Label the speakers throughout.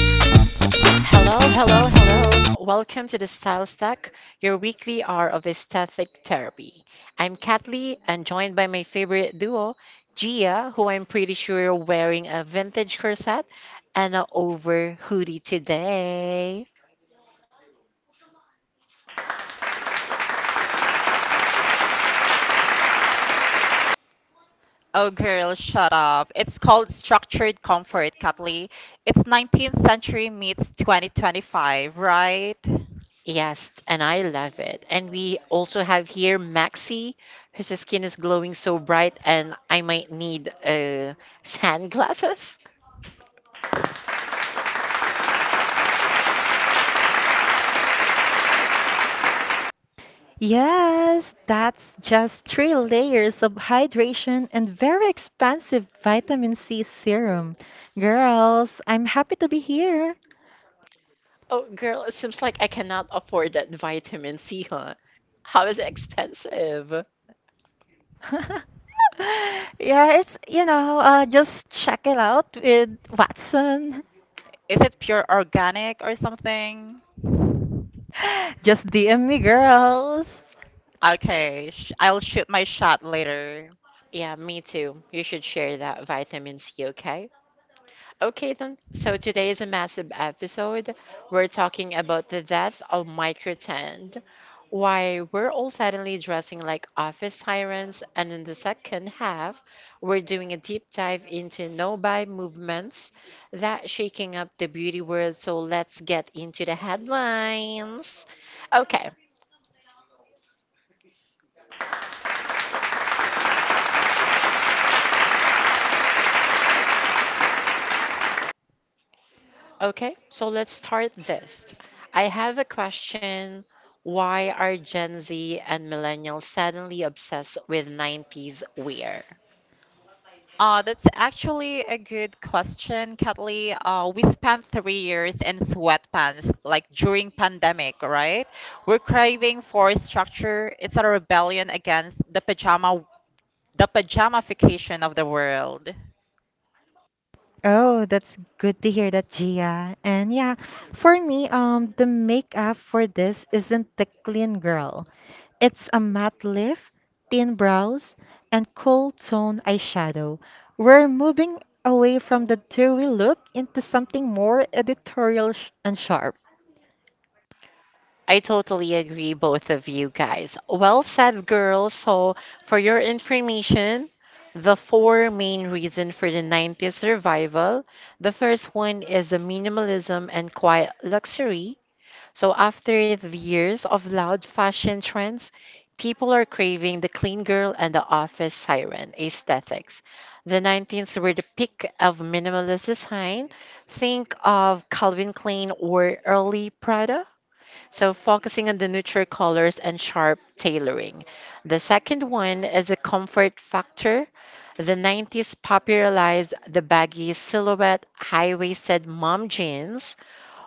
Speaker 1: Hello, hello, hello. Welcome to the Style Stack, your weekly hour of aesthetic therapy. I'm Katli and joined by my favorite duo, Gia, who I'm pretty sure you're wearing a vintage corset and a over hoodie today.
Speaker 2: Oh, girl, shut up. It's called structured comfort, Kathleen. It's 19th century meets 2025, right?
Speaker 1: Yes, and I love it. And we also have here Maxi, whose skin is glowing so bright, and I might need sunglasses.
Speaker 3: Yes, that's just three layers of hydration and very expensive vitamin C serum. Girls, I'm happy to be here.
Speaker 1: Oh, girl, it seems like I cannot afford that vitamin C, huh? How is it expensive?
Speaker 3: Just check it out with Watson.
Speaker 2: Is it pure organic or something?
Speaker 3: Just DM me, girls.
Speaker 2: Okay, sh I'll shoot my shot later.
Speaker 1: Yeah, me too. You should share that vitamin C, okay? Okay, then. So today is a massive episode. We're talking about the death of microtend, why we're all suddenly dressing like office sirens, and in the second half, we're doing a deep dive into no-buy movements that shaking up the beauty world. So let's get into the headlines. Okay, okay, so let's start this. I have a question. Why are Gen Z and millennials suddenly obsessed with 90s wear?
Speaker 2: That's actually a good question, Kathleen. We spent 3 years in sweatpants, like during pandemic, right? We're craving for structure. It's a rebellion against the pajamification of the world.
Speaker 3: Oh, that's good to hear that, Gia. And yeah, for me, the makeup for this isn't the clean girl. It's a matte lip, thin brows, and cool tone eyeshadow. We're moving away from the dewy look into something more editorial and sharp.
Speaker 1: I totally agree, both of you guys. Well said, girls. So, for your information, the four main reasons for the 90s survival. The first one is the minimalism and quiet luxury. So after the years of loud fashion trends, people are craving the clean girl and the office siren aesthetics. The 90s were the peak of minimalist design. Think of Calvin Klein or early Prada. So focusing on the neutral colors and sharp tailoring. The second one is a comfort factor. The 90s popularized the baggy silhouette, high waisted mom jeans,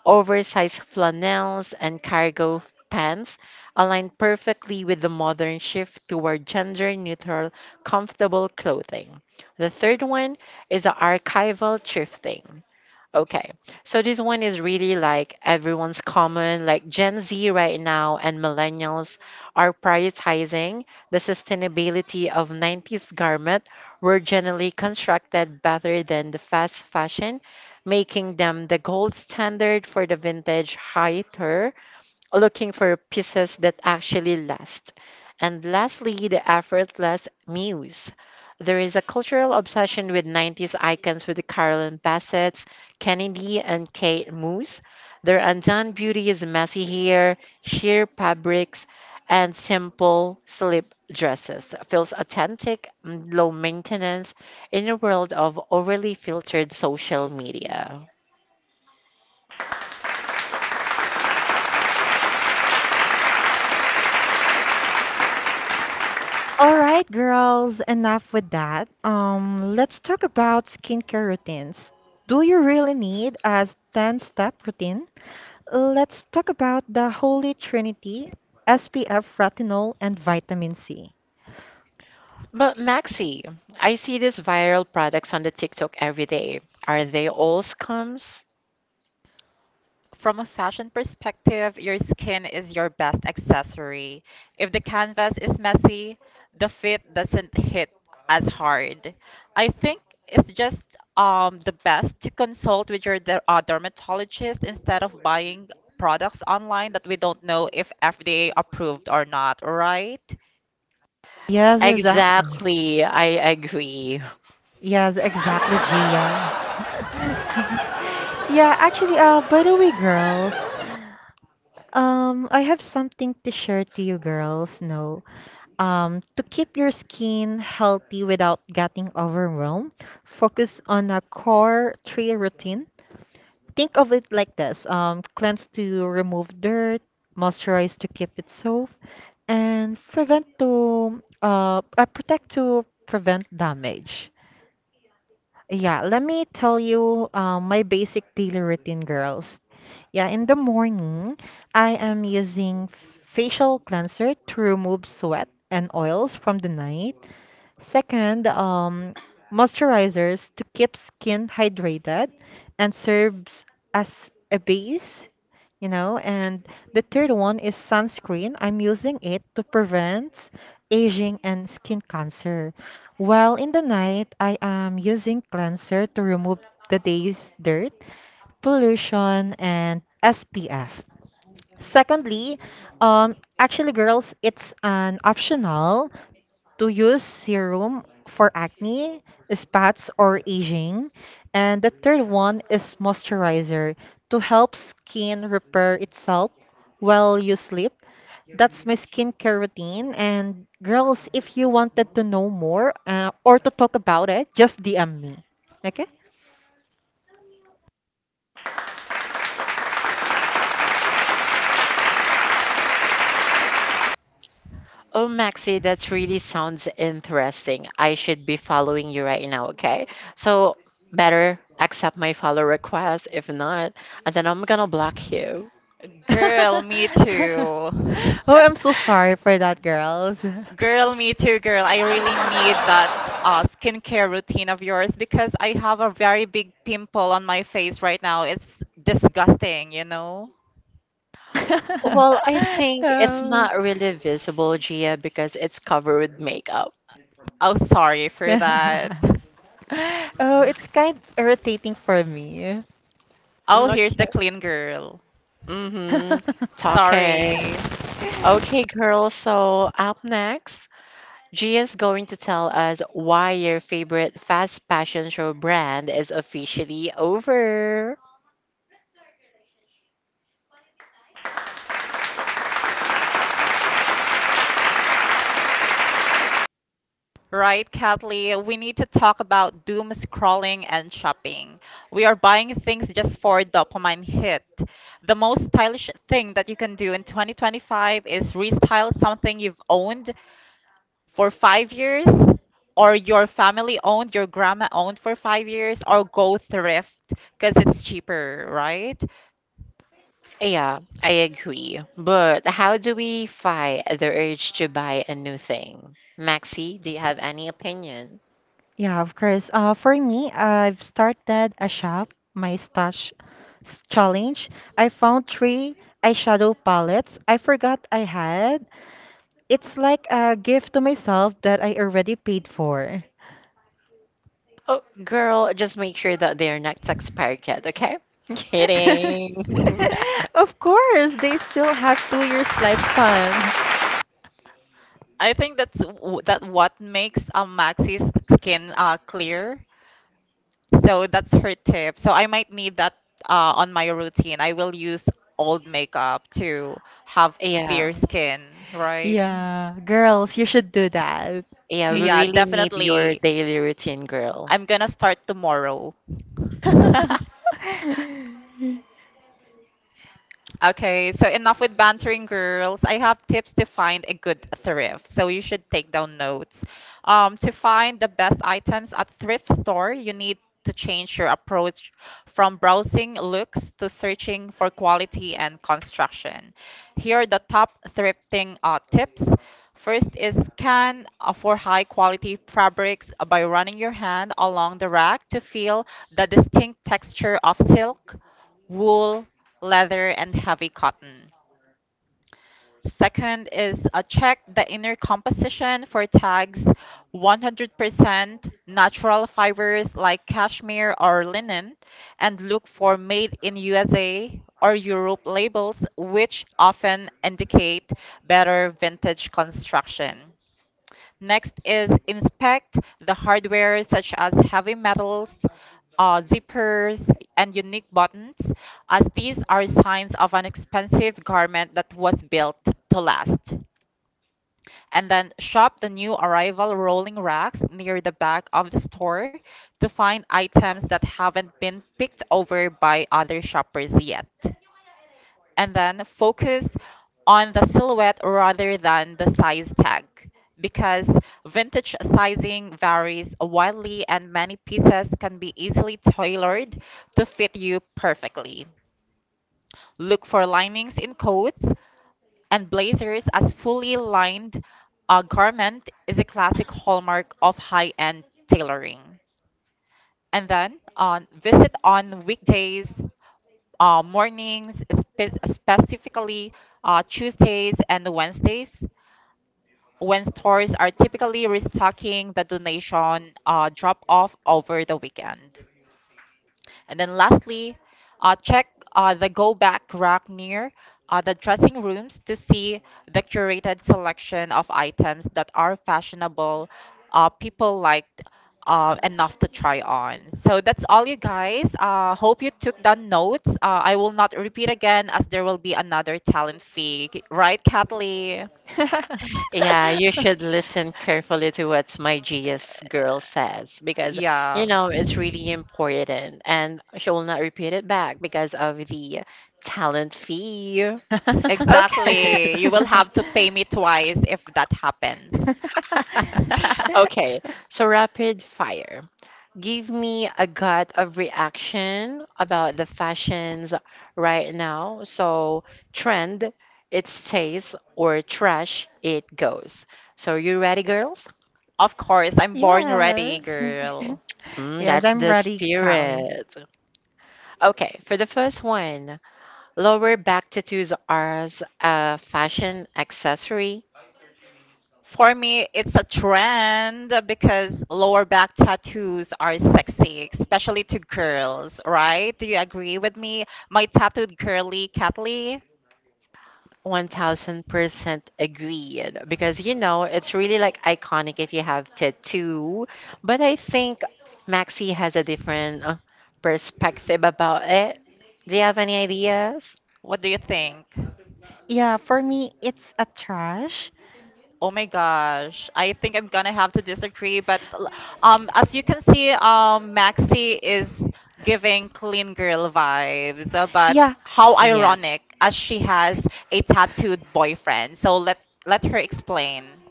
Speaker 1: oversized flannels and cargo pants align perfectly with the modern shift toward gender neutral, comfortable clothing. The third one is the archival thrifting. Okay, so this one is really like everyone's common, like Gen Z right now and millennials are prioritizing the sustainability of 90s garment were generally constructed better than the fast fashion, making them the gold standard for the vintage high, looking for pieces that actually last. And lastly, the effortless muse. There is a cultural obsession with 90s icons with Carolyn Bassett's Kennedy and Kate Moose. Their undone beauty is messy hair, sheer fabrics, and simple slip dresses. Feels authentic, low maintenance in a world of overly filtered social media.
Speaker 3: All right, girls, enough with that. Let's talk about skincare routines. Do you really need a 10-step routine? Let's talk about the holy trinity, SPF, retinol, and vitamin C.
Speaker 1: But Maxi, I see these viral products on the TikTok every day. Are they all scams?
Speaker 2: From a fashion perspective, your skin is your best accessory. If the canvas is messy, the fit doesn't hit as hard. I think it's just the best to consult with your dermatologist instead of buying products online that we don't know if FDA approved or not, right.
Speaker 3: Yes, exactly.
Speaker 1: Exactly, I agree.
Speaker 3: Yes, exactly, Gia. By the way, girls, I have something to share to you girls. No, To keep your skin healthy without getting overwhelmed, focus on a core three routine. Think of it like this: cleanse to remove dirt, moisturize to keep it soft, and prevent to protect to prevent damage. Yeah, let me tell you my basic daily routine, girls. Yeah, in the morning, I am using facial cleanser to remove sweat and oils from the night. Second, moisturizers to keep skin hydrated and serves as a base, you know. And the third one is sunscreen. I'm using it to prevent aging and skin cancer. While in the night, I am using cleanser to remove the day's dirt pollution and SPF. Secondly, actually, girls, it's an optional to use serum for acne, spots, or aging. And the third one is moisturizer to help skin repair itself while you sleep. That's my skincare routine. And girls, if you wanted to know more or to talk about it, just DM me. Okay?
Speaker 1: Oh, Maxi, that really sounds interesting. I should be following you right now, okay? So, better accept my follow request. If not, and then I'm gonna block you.
Speaker 2: Girl, me
Speaker 3: Oh,
Speaker 2: too.
Speaker 3: I'm so sorry for that, girls.
Speaker 2: Girl, me too, girl. I really need that skincare routine of yours because I have a very big pimple on my face right now. It's disgusting, you know?
Speaker 1: Well, I think it's
Speaker 3: Oh,
Speaker 1: not really visible, Gia, because it's covered with makeup.
Speaker 2: Oh, sorry for that.
Speaker 3: yeah. Oh, it's kind irritating for me.
Speaker 2: Oh,
Speaker 1: Mm,
Speaker 2: here's the
Speaker 1: okay.
Speaker 2: clean girl.
Speaker 1: Mm-hmm. Talking.
Speaker 2: Sorry.
Speaker 1: Okay, girls, so up next, Gia is going to tell us why your favorite fast fashion show brand is officially over.
Speaker 2: Right, Kathleen, we need to talk about doom scrolling and shopping. We are buying things just for dopamine hit. The most stylish thing that you can do in 2025 is restyle something you've owned for 5 years, or your family owned, your grandma owned for 5 years, or go thrift because it's cheaper, right?
Speaker 1: Yeah, I agree. But how do we fight the urge to buy a new thing? Maxi, do you have any opinion?
Speaker 3: Yeah, of course. For me, I've started a shop, my stash challenge. I found three eyeshadow palettes I forgot I had. It's like a gift to myself that I already paid for.
Speaker 1: Oh, girl, just make sure that they're not expired yet, okay? Kidding.
Speaker 3: Of course, they still have 2 years lifespan.
Speaker 2: I think that's that what makes Maxi's skin clear. So that's her tip. So I might need that on my routine. I will use old makeup to have clear
Speaker 1: Yeah.
Speaker 2: skin, right?
Speaker 3: Yeah, girls, you should do that.
Speaker 1: Yeah, we
Speaker 2: Yeah,
Speaker 1: really need your
Speaker 2: definitely.
Speaker 1: daily routine, girl.
Speaker 2: I'm gonna start tomorrow. Okay, so enough with bantering, girls. I have tips to find a good thrift, so you should take down notes. To find the best items at thrift store, you need to change your approach from browsing looks to searching for quality and construction. Here are the top thrifting tips. First is scan for high quality fabrics by running your hand along the rack to feel the distinct texture of silk, wool, leather, and heavy cotton. Second is check the inner composition for tags 100% natural fibers like cashmere or linen and look for made in USA or Europe labels which often indicate better vintage construction. Next is inspect the hardware such as heavy metals, zippers, and unique buttons, as these are signs of an expensive garment that was built to last. And then shop the new arrival rolling racks near the back of the store to find items that haven't been picked over by other shoppers yet, and then focus on the silhouette rather than the size tag because vintage sizing varies widely and many pieces can be easily tailored to fit you perfectly. Look for linings in coats and blazers as fully lined garment is a classic hallmark of high-end tailoring. And then visit on weekdays mornings, specifically Tuesdays and Wednesdays, when stores are typically restocking the donation drop off over the weekend. And then lastly, check the go back rack near the dressing rooms to see the curated selection of items that are fashionable people liked enough to try on. So that's all, you guys. Hope you took down notes. I will not repeat again as there will be another talent fee, right, Kathleen?
Speaker 1: Yeah, you should listen carefully to what my GS girl says because, you
Speaker 2: Yeah.
Speaker 1: know, it's really important and she will not repeat it back because of the talent fee. Okay.
Speaker 2: Exactly. You will have to pay me twice if that happens.
Speaker 1: Okay. So, rapid fire. Give me a gut of reaction about the fashions right now. So, trend, it stays, or trash, it goes. So, you ready, girls?
Speaker 2: Of course, I'm born ready,
Speaker 3: Yes.
Speaker 2: girl.
Speaker 1: Mm,
Speaker 3: Yes,
Speaker 1: that's
Speaker 3: I'm
Speaker 1: the
Speaker 3: ready, Kali.
Speaker 1: spirit. Okay, for the first one, lower back tattoos are as a fashion accessory.
Speaker 2: For me, it's a trend because lower back tattoos are sexy, especially to girls, right? Do you agree with me? My tattooed curly Catley,
Speaker 1: 1000% agreed because you know it's really like iconic if you have tattoo. But I think Maxi has a different perspective about it. Do you have any ideas?
Speaker 2: what do you think?
Speaker 3: Yeah, for me, it's a trash.
Speaker 2: Oh my gosh, I think I'm gonna have to disagree, but as you can see, Maxi is giving clean girl vibes, but
Speaker 3: Yeah,
Speaker 2: how
Speaker 1: Yeah,
Speaker 2: ironic as she has a tattooed boyfriend. So let her explain.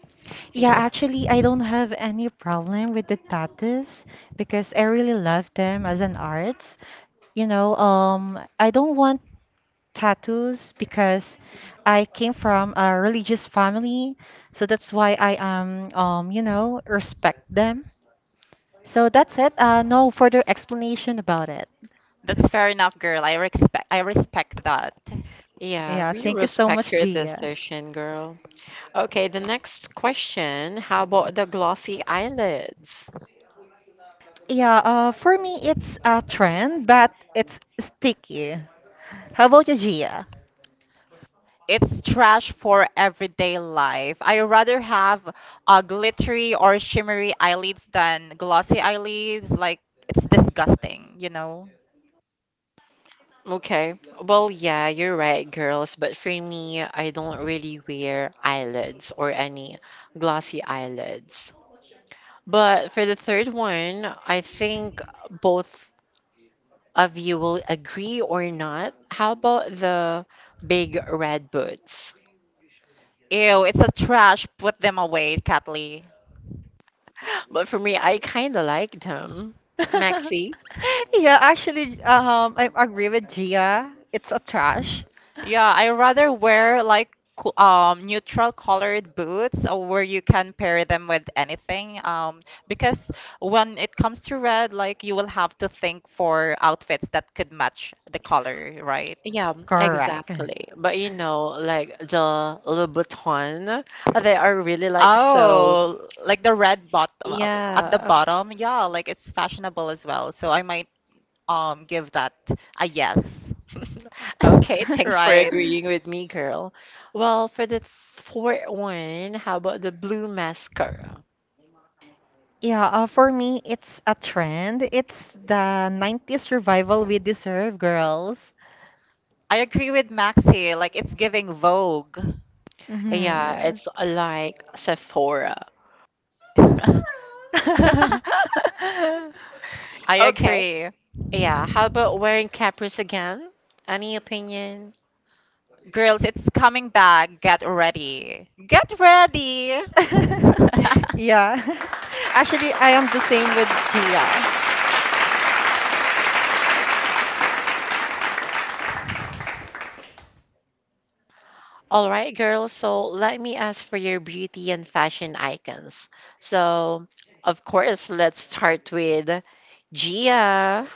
Speaker 3: yeah,
Speaker 1: yeah,
Speaker 3: actually, I don't have any problem with the tattoos because I really love them as an art. You know, I don't want tattoos because I came from a religious family, so that's why I you know, respect them. So that's it. No further explanation about it.
Speaker 2: That's fair enough, girl. I respect that.
Speaker 1: yeah.
Speaker 3: Yeah,
Speaker 1: We
Speaker 3: thank you so
Speaker 1: respect
Speaker 3: much,
Speaker 1: your
Speaker 3: Gia.
Speaker 1: decision, girl. Okay, the next question. How about the glossy eyelids?
Speaker 3: Yeah, for me it's a trend, but it's sticky. How about you, Gia?
Speaker 2: It's trash for everyday life. I rather have glittery or shimmery eyelids than glossy eyelids. Like it's disgusting, you know.
Speaker 1: Okay. Well, yeah, you're right, girls. But for me, I don't really wear eyelids or any glossy eyelids. But for the third one, I think both of you will agree or not. How about the big red boots?
Speaker 2: Ew, it's a trash. Put them away, Kathleen.
Speaker 1: But for me, I kind of like them. Maxi?
Speaker 3: Yeah, actually, I agree with Gia. It's a trash.
Speaker 2: Yeah, I rather wear like neutral colored boots where you can pair them with anything. Because when it comes to red, like you will have to think for outfits that could match the color, right?
Speaker 1: Yeah,
Speaker 3: Correct.
Speaker 1: exactly. But you know, like the Louboutin, they are really like so.
Speaker 2: Oh, like the red bot at the
Speaker 1: Yeah.
Speaker 2: bottom. Yeah, like it's fashionable as well. So I might give that a yes.
Speaker 1: Okay, thanks for
Speaker 2: Right.
Speaker 1: agreeing with me, girl. Well, for the fourth one, how about the blue mascara?
Speaker 3: Yeah, for me, it's a trend. It's the 90s revival we deserve, girls.
Speaker 2: I agree with Maxi. Like it's giving Vogue.
Speaker 3: Mm-hmm,
Speaker 1: Yeah,
Speaker 3: yeah.
Speaker 1: it's like Sephora.
Speaker 2: I
Speaker 1: Okay,
Speaker 2: agree.
Speaker 1: yeah, how about wearing capris again? Any opinion?
Speaker 2: Girls, it's coming back. Get ready. Get ready.
Speaker 3: Yeah. Actually, I am the same with Gia.
Speaker 1: All right, girls, so let me ask for your beauty and fashion icons. So, of course, let's start with Gia.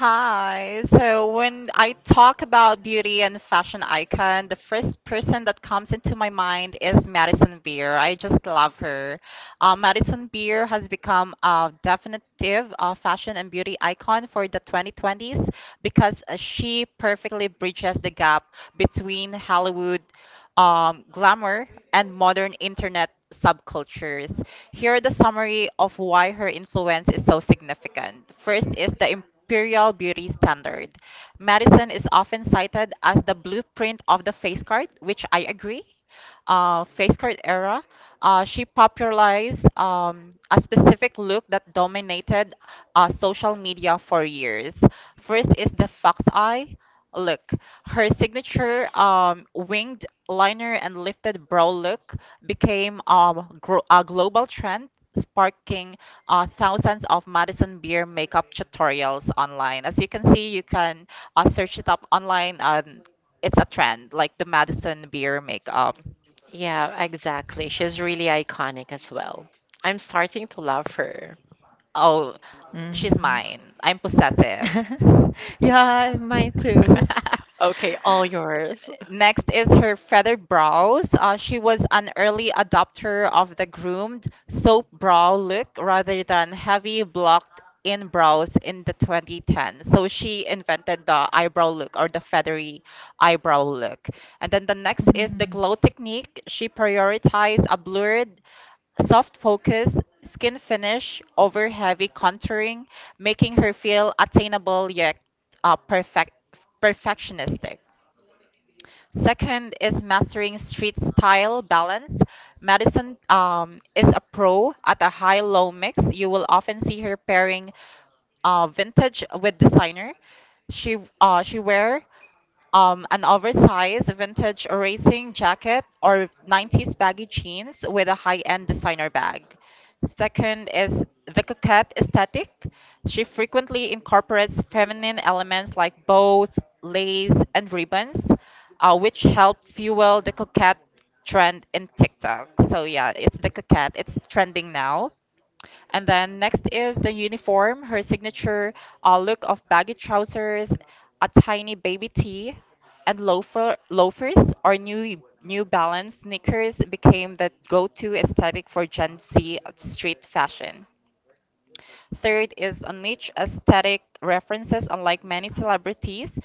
Speaker 2: Hi. So when I talk about beauty and fashion icon, the first person that comes into my mind is Madison Beer. I just love her. Madison Beer has become a definitive fashion and beauty icon for the 2020s because she perfectly bridges the gap between Hollywood glamour and modern internet subcultures. Here the summary of why her influence is so significant. First is the imperial beauty standard. Madison is often cited as the blueprint of the face card, which I agree. Face card era, she popularized a specific look that dominated social media for years. First is the fox eye look. Her signature winged liner and lifted brow look became a global trend, sparking thousands of Madison Beer makeup tutorials online. As you can see, you can search it up online, and it's a trend, like the Madison Beer makeup.
Speaker 1: Yeah, exactly. She's really iconic as well. I'm starting to love her.
Speaker 2: Oh, she's
Speaker 3: Mm.
Speaker 2: mine. I'm possessive.
Speaker 3: Yeah, mine too.
Speaker 1: Okay, all yours.
Speaker 2: Next is her feathered brows. She was an early adopter of the groomed soap brow look rather than heavy blocked in brows in the 2010s. So she invented the eyebrow look or the feathery eyebrow look. And then the next is the
Speaker 3: Mm.
Speaker 2: glow technique. She prioritized a blurred, soft focus, skin finish over heavy contouring, making her feel attainable yet uh, perfect perfectionistic. Second is mastering street style balance. Madison is a pro at a high low mix. You will often see her pairing vintage with designer. She wear an oversized vintage racing jacket or 90s baggy jeans with a high-end designer bag. Second is the coquette aesthetic. She frequently incorporates feminine elements like bows, lace, and ribbons, which help fuel the coquette trend in TikTok. So yeah, it's the coquette. It's trending now. And then next is the uniform, her signature look of baggy trousers, a tiny baby tee, and loafers or New Balance sneakers became the go-to aesthetic for Gen Z street fashion. Third is a niche aesthetic references, unlike many celebrities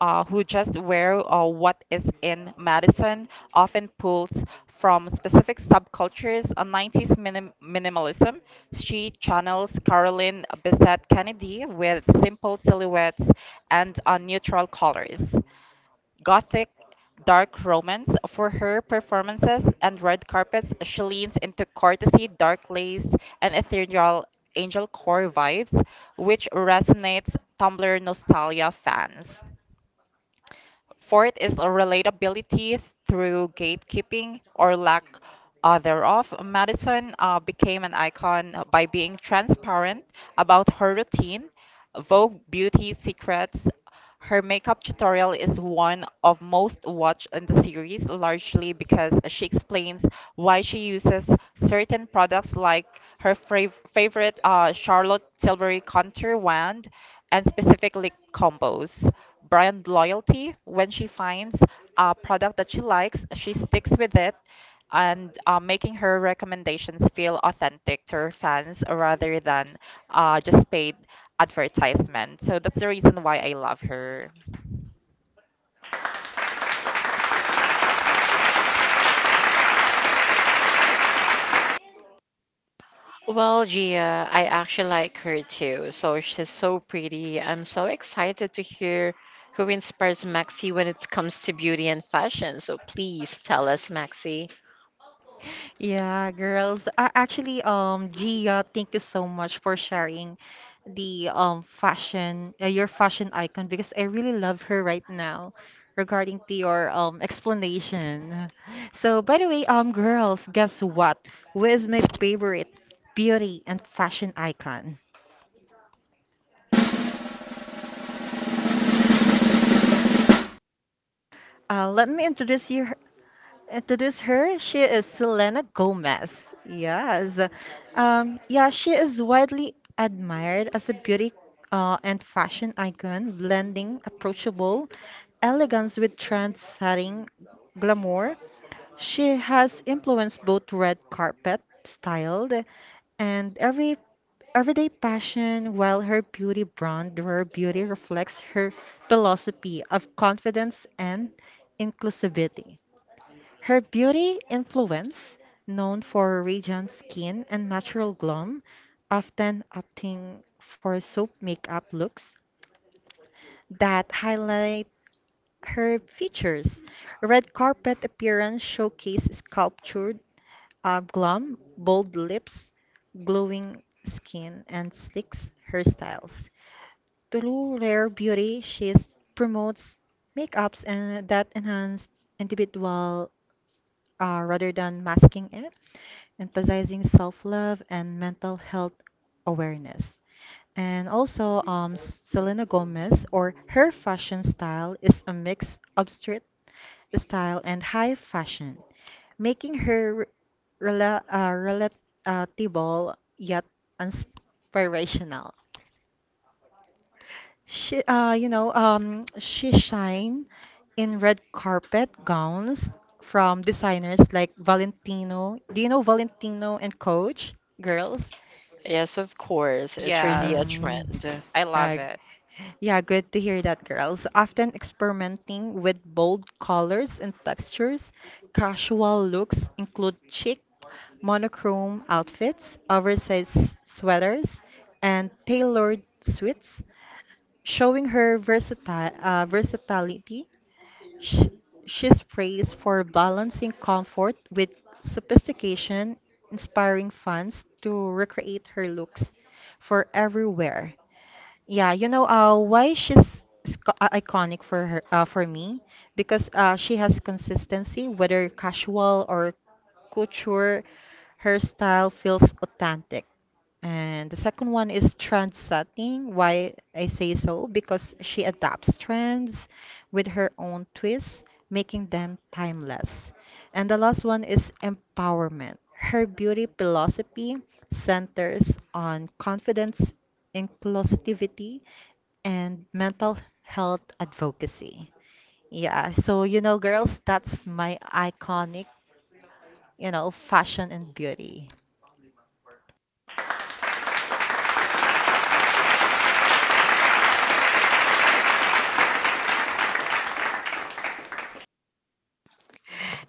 Speaker 2: who just wear what is in medicine, often pulled from specific subcultures. A minimalism, she channels Caroline Bessette Kennedy with simple silhouettes and neutral colors gothic dark romance. For her performances and red carpets, she leans into courtesy, dark lace, and ethereal angel core vibes, which resonates Tumblr nostalgia fans. Fourth is relatability through gatekeeping or lack thereof. Madison became an icon by being transparent about her routine, Vogue beauty secrets. Her makeup tutorial is one of most watched in the series, largely because she explains why she uses certain products like her favorite Charlotte Tilbury contour wand and specific lip combos brand loyalty. When she finds a product that she likes, she sticks with it and making her recommendations feel authentic to her fans rather than just paid advertisement. So that's the reason why I love her.
Speaker 1: Well, Gia, I actually like her too. So she's so pretty. I'm so excited to hear who inspires Maxi when it comes to beauty and fashion. So please tell us, Maxi.
Speaker 3: Yeah, girls. Gia, thank you so much for sharing the fashion, your fashion icon because I really love her right now regarding to your explanation. So, by the way, girls, guess what? Who is my favorite beauty and fashion icon? Let me introduce her. She is Selena Gomez. Yes. Yeah, she is widely admired as a beauty and fashion icon, blending approachable elegance with trend-setting glamour. She has influenced both red carpet styled and everyday passion, while her beauty brand, Rare Beauty, reflects her philosophy of confidence and inclusivity. Her beauty influence, known for radiant skin and natural glow, often opting for soap makeup looks that highlight her features. Red carpet appearance showcase sculptured glam, bold lips, glowing skin, and sleek hairstyles. Through rare beauty, she promotes makeups and that enhance individual rather than masking it. Emphasizing self-love and mental health awareness. And also, Selena Gomez or her fashion style is a mix of street style and high fashion, making her relatable yet inspirational. She shine in red carpet gowns from designers like Valentino. Do you know Valentino and Coach, girls?
Speaker 1: Yes, of course. It's really
Speaker 2: Yes,
Speaker 1: a
Speaker 3: Mm,
Speaker 1: trend.
Speaker 2: I love
Speaker 3: uh, g-
Speaker 2: it.
Speaker 3: yeah, good to hear that, girls. Often experimenting with bold colors and textures, casual looks include chic, monochrome outfits, oversized sweaters, and tailored suits, showing her versatility. Sh She's praised for balancing comfort with sophistication, inspiring fans to recreate her looks for everywhere. Yeah, you know, iconic for her, for me, because she has consistency, whether casual or couture, her style feels authentic. And the second one is trend setting. Why I say so? Because she adapts trends with her own twists, making them timeless. And the last one is empowerment. Her beauty philosophy centers on confidence, inclusivity, and mental health advocacy. Yeah, so you know, girls, that's my iconic, you know, fashion and beauty.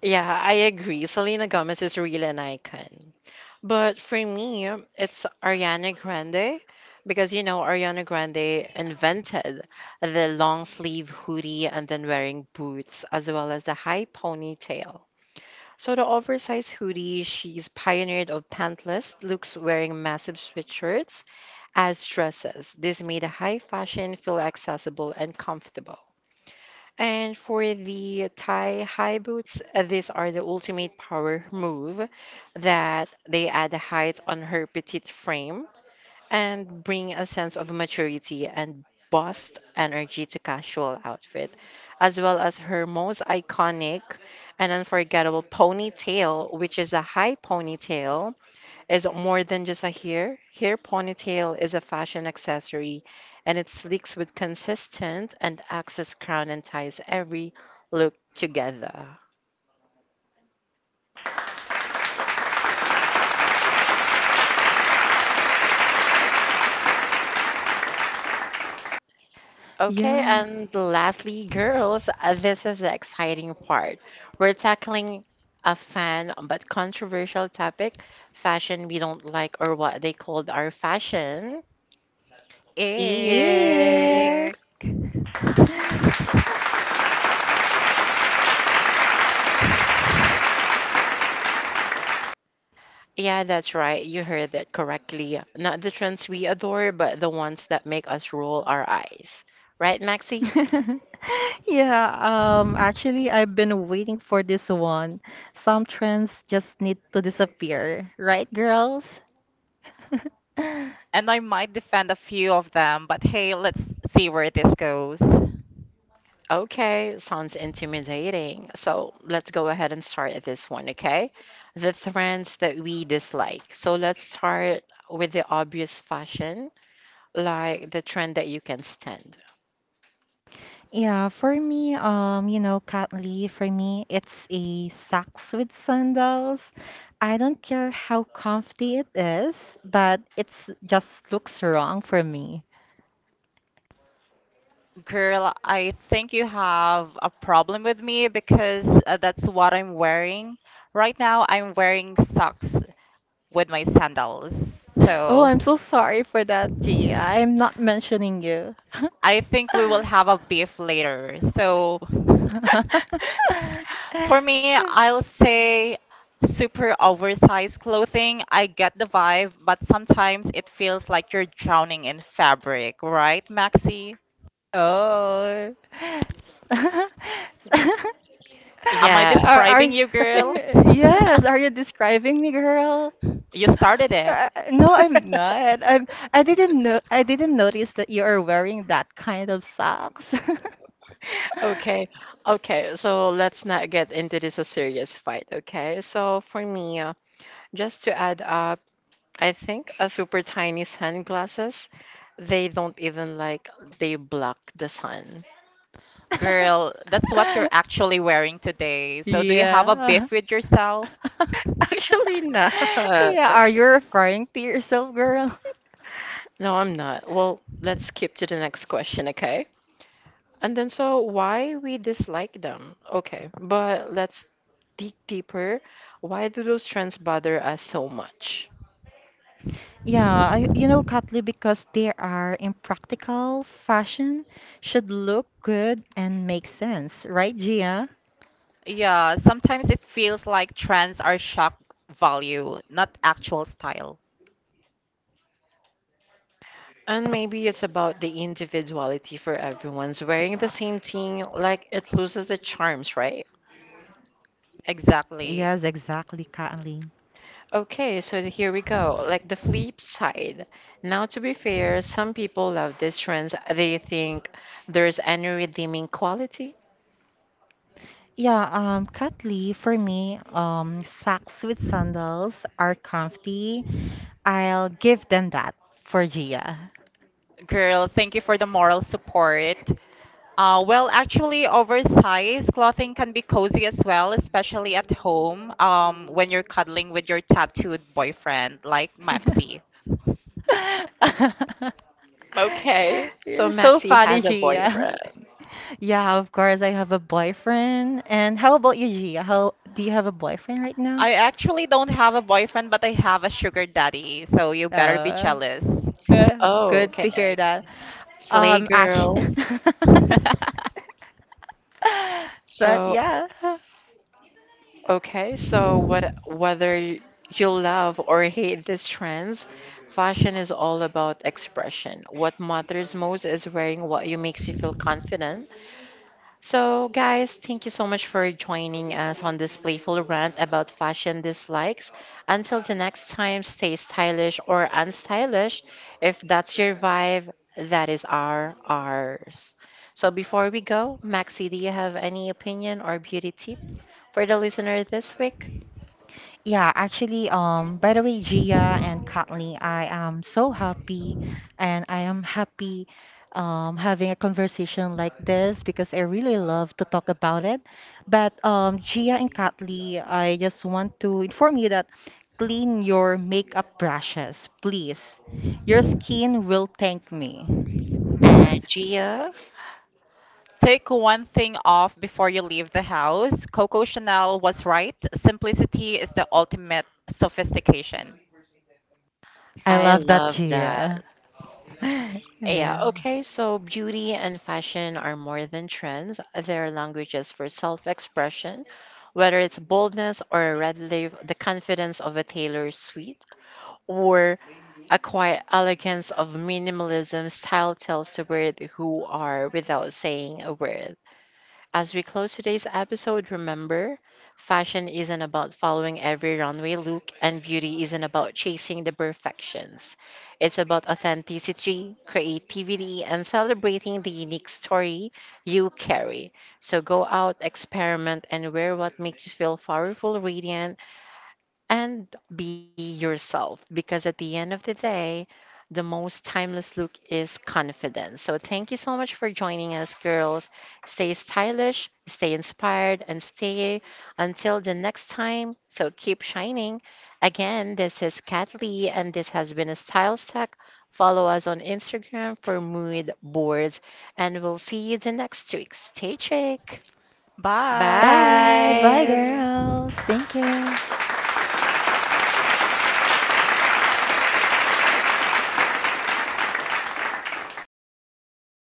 Speaker 1: Yeah, I agree. Selena Gomez is really an icon. But for me, it's Ariana Grande because you know Ariana Grande invented the long sleeve hoodie and then wearing boots as well as the high ponytail. So the oversized hoodie, she's pioneered of pantless looks wearing massive sweatshirts as dresses. This made a high fashion feel accessible and comfortable. And for the Thai high boots, these are the ultimate power move that they add height on her petite frame and bring a sense of maturity and bust energy to casual outfit, as well as her most iconic and unforgettable ponytail, which is a high ponytail is more than just a hair. Hair ponytail is a fashion accessory and it sleeks with consistent and access crown and ties every look together. Okay,
Speaker 3: Yeah.
Speaker 1: and lastly, girls, this is the exciting part. We're tackling a fun but controversial topic, fashion we don't like or what they called our fashion. Eek.
Speaker 3: Ick.
Speaker 2: Ick.
Speaker 1: Yeah, that's right. You heard that correctly. Not the trends we adore, but the ones that make us roll our eyes. Right, Maxi?
Speaker 3: Yeah, I've been waiting for this one. Some trends just need to disappear, right, girls?
Speaker 2: And I might defend a few of them, but hey, let's see where this goes.
Speaker 1: Okay, sounds intimidating. So let's go ahead and start this one, okay? The trends that we dislike. So let's start with the obvious fashion, like the trend that you can stand.
Speaker 3: Yeah, for me, you know, Katli, for me, it's a socks with sandals. I don't care how comfy it is, but it's just looks wrong for me.
Speaker 2: Girl, I think you have a problem with me because that's what I'm wearing. Right now, I'm wearing socks with my sandals.
Speaker 3: Oh,
Speaker 2: So
Speaker 3: I'm so sorry for that, Gia. I'm not mentioning you.
Speaker 2: I think we will have a beef later. So for me, I'll say super oversized clothing. I get the vibe, but sometimes it feels like you're drowning in fabric, right, Maxi?
Speaker 3: Oh.
Speaker 2: Am I
Speaker 1: Yeah,
Speaker 3: Are,
Speaker 2: describing
Speaker 3: are,
Speaker 2: you, girl?
Speaker 3: yes, are you describing me, girl?
Speaker 2: You started it.
Speaker 3: No, I'm not. I'm. I didn't know. I didn't notice that you are wearing that kind of socks.
Speaker 1: okay. Okay, so let's not get into this a serious fight, okay? So for me, just to add up, I think a super tiny sunglasses, they don't even like they block the sun.
Speaker 2: Girl, that's what you're actually wearing today. So, do you have a
Speaker 3: Yeah.
Speaker 2: beef with yourself?
Speaker 1: Actually not.
Speaker 3: Yeah, are you referring to yourself, girl?
Speaker 1: No, I'm not. Well, let's skip to the next question, okay? And then so why we dislike them? Okay, but let's dig deeper. Why do those trends bother us so much?
Speaker 3: You know, Katli, because they are impractical, fashion should look good and make sense, right, Gia?
Speaker 2: Yeah, sometimes it feels like trends are shock value, not actual style.
Speaker 1: And maybe it's about the individuality for everyone's wearing the same thing, like it loses the charms, right?
Speaker 2: Exactly.
Speaker 3: Yes, exactly, Katli.
Speaker 1: Okay, so here we go. Like the flip side. Now, to be fair, some people love these trends. They think there's any redeeming quality.
Speaker 3: Yeah, currently for me, socks with sandals are comfy. I'll give them that for Gia.
Speaker 2: Girl, thank you for the moral support. Well, actually, oversized clothing can be cozy as well, especially at home, when you're cuddling with your tattooed boyfriend, like Maxi.
Speaker 1: Okay, so
Speaker 3: You're so
Speaker 1: Maxi
Speaker 3: funny,
Speaker 1: has a
Speaker 3: Gia.
Speaker 1: boyfriend.
Speaker 3: Yeah, of course, I have a boyfriend. And how about you, Gia? How do you have a boyfriend right now?
Speaker 2: I actually don't have a boyfriend, but I have a sugar daddy, so you better be
Speaker 3: Uh,
Speaker 2: jealous.
Speaker 3: Uh,
Speaker 1: Oh,
Speaker 3: good to hear
Speaker 1: okay.
Speaker 3: that.
Speaker 1: Slay
Speaker 3: Um, actually,
Speaker 1: girl.
Speaker 3: but
Speaker 1: So,
Speaker 3: yeah.
Speaker 1: okay, so what, whether you love or hate these trends, fashion is all about expression. What matters most is wearing what you makes you feel confident. So, guys, thank you so much for joining us on this playful rant about fashion dislikes. Until the next time, stay stylish or unstylish. If that's your vibe, that is our ours. So, before we go, Maxi, do you have any opinion or beauty tip for the listener this week?
Speaker 3: Yeah, actually, by the way, Gia and Kathleen, I am so happy and I am happy having a conversation like this because I really love to talk about it. But Gia and Kathleen, I just want to inform you that clean your makeup brushes, please. Your skin will thank me.
Speaker 1: And Gia,
Speaker 2: Take one thing off before you leave the house. Coco Chanel was right. Simplicity is the ultimate sophistication.
Speaker 3: I
Speaker 1: I
Speaker 3: love that,
Speaker 1: love that.
Speaker 3: Gia.
Speaker 1: Yeah,
Speaker 3: Yeah.
Speaker 1: okay, so beauty and fashion are more than trends. They're languages for self-expression, whether it's boldness or a red leaf, the confidence of a Taylor Swift, or a quiet elegance of minimalism. Style tells the world who are without saying a word. As we close today's episode, remember fashion isn't about following every runway look, and beauty isn't about chasing the perfections. It's about authenticity, creativity, and celebrating the unique story you carry. So go out, experiment, and wear what makes you feel powerful, radiant, and be yourself because at the end of the day, the most timeless look is confidence. So, thank you so much for joining us, girls. Stay stylish, stay inspired, and stay until the next time. So, keep shining. Again, this is Kat Lee, and this has been a Style Stack. Follow us on Instagram for mood boards, and we'll see you the next week. Stay chic.
Speaker 3: Bye. Bye,
Speaker 1: Bye.
Speaker 2: Bye.
Speaker 3: girls. Thank you.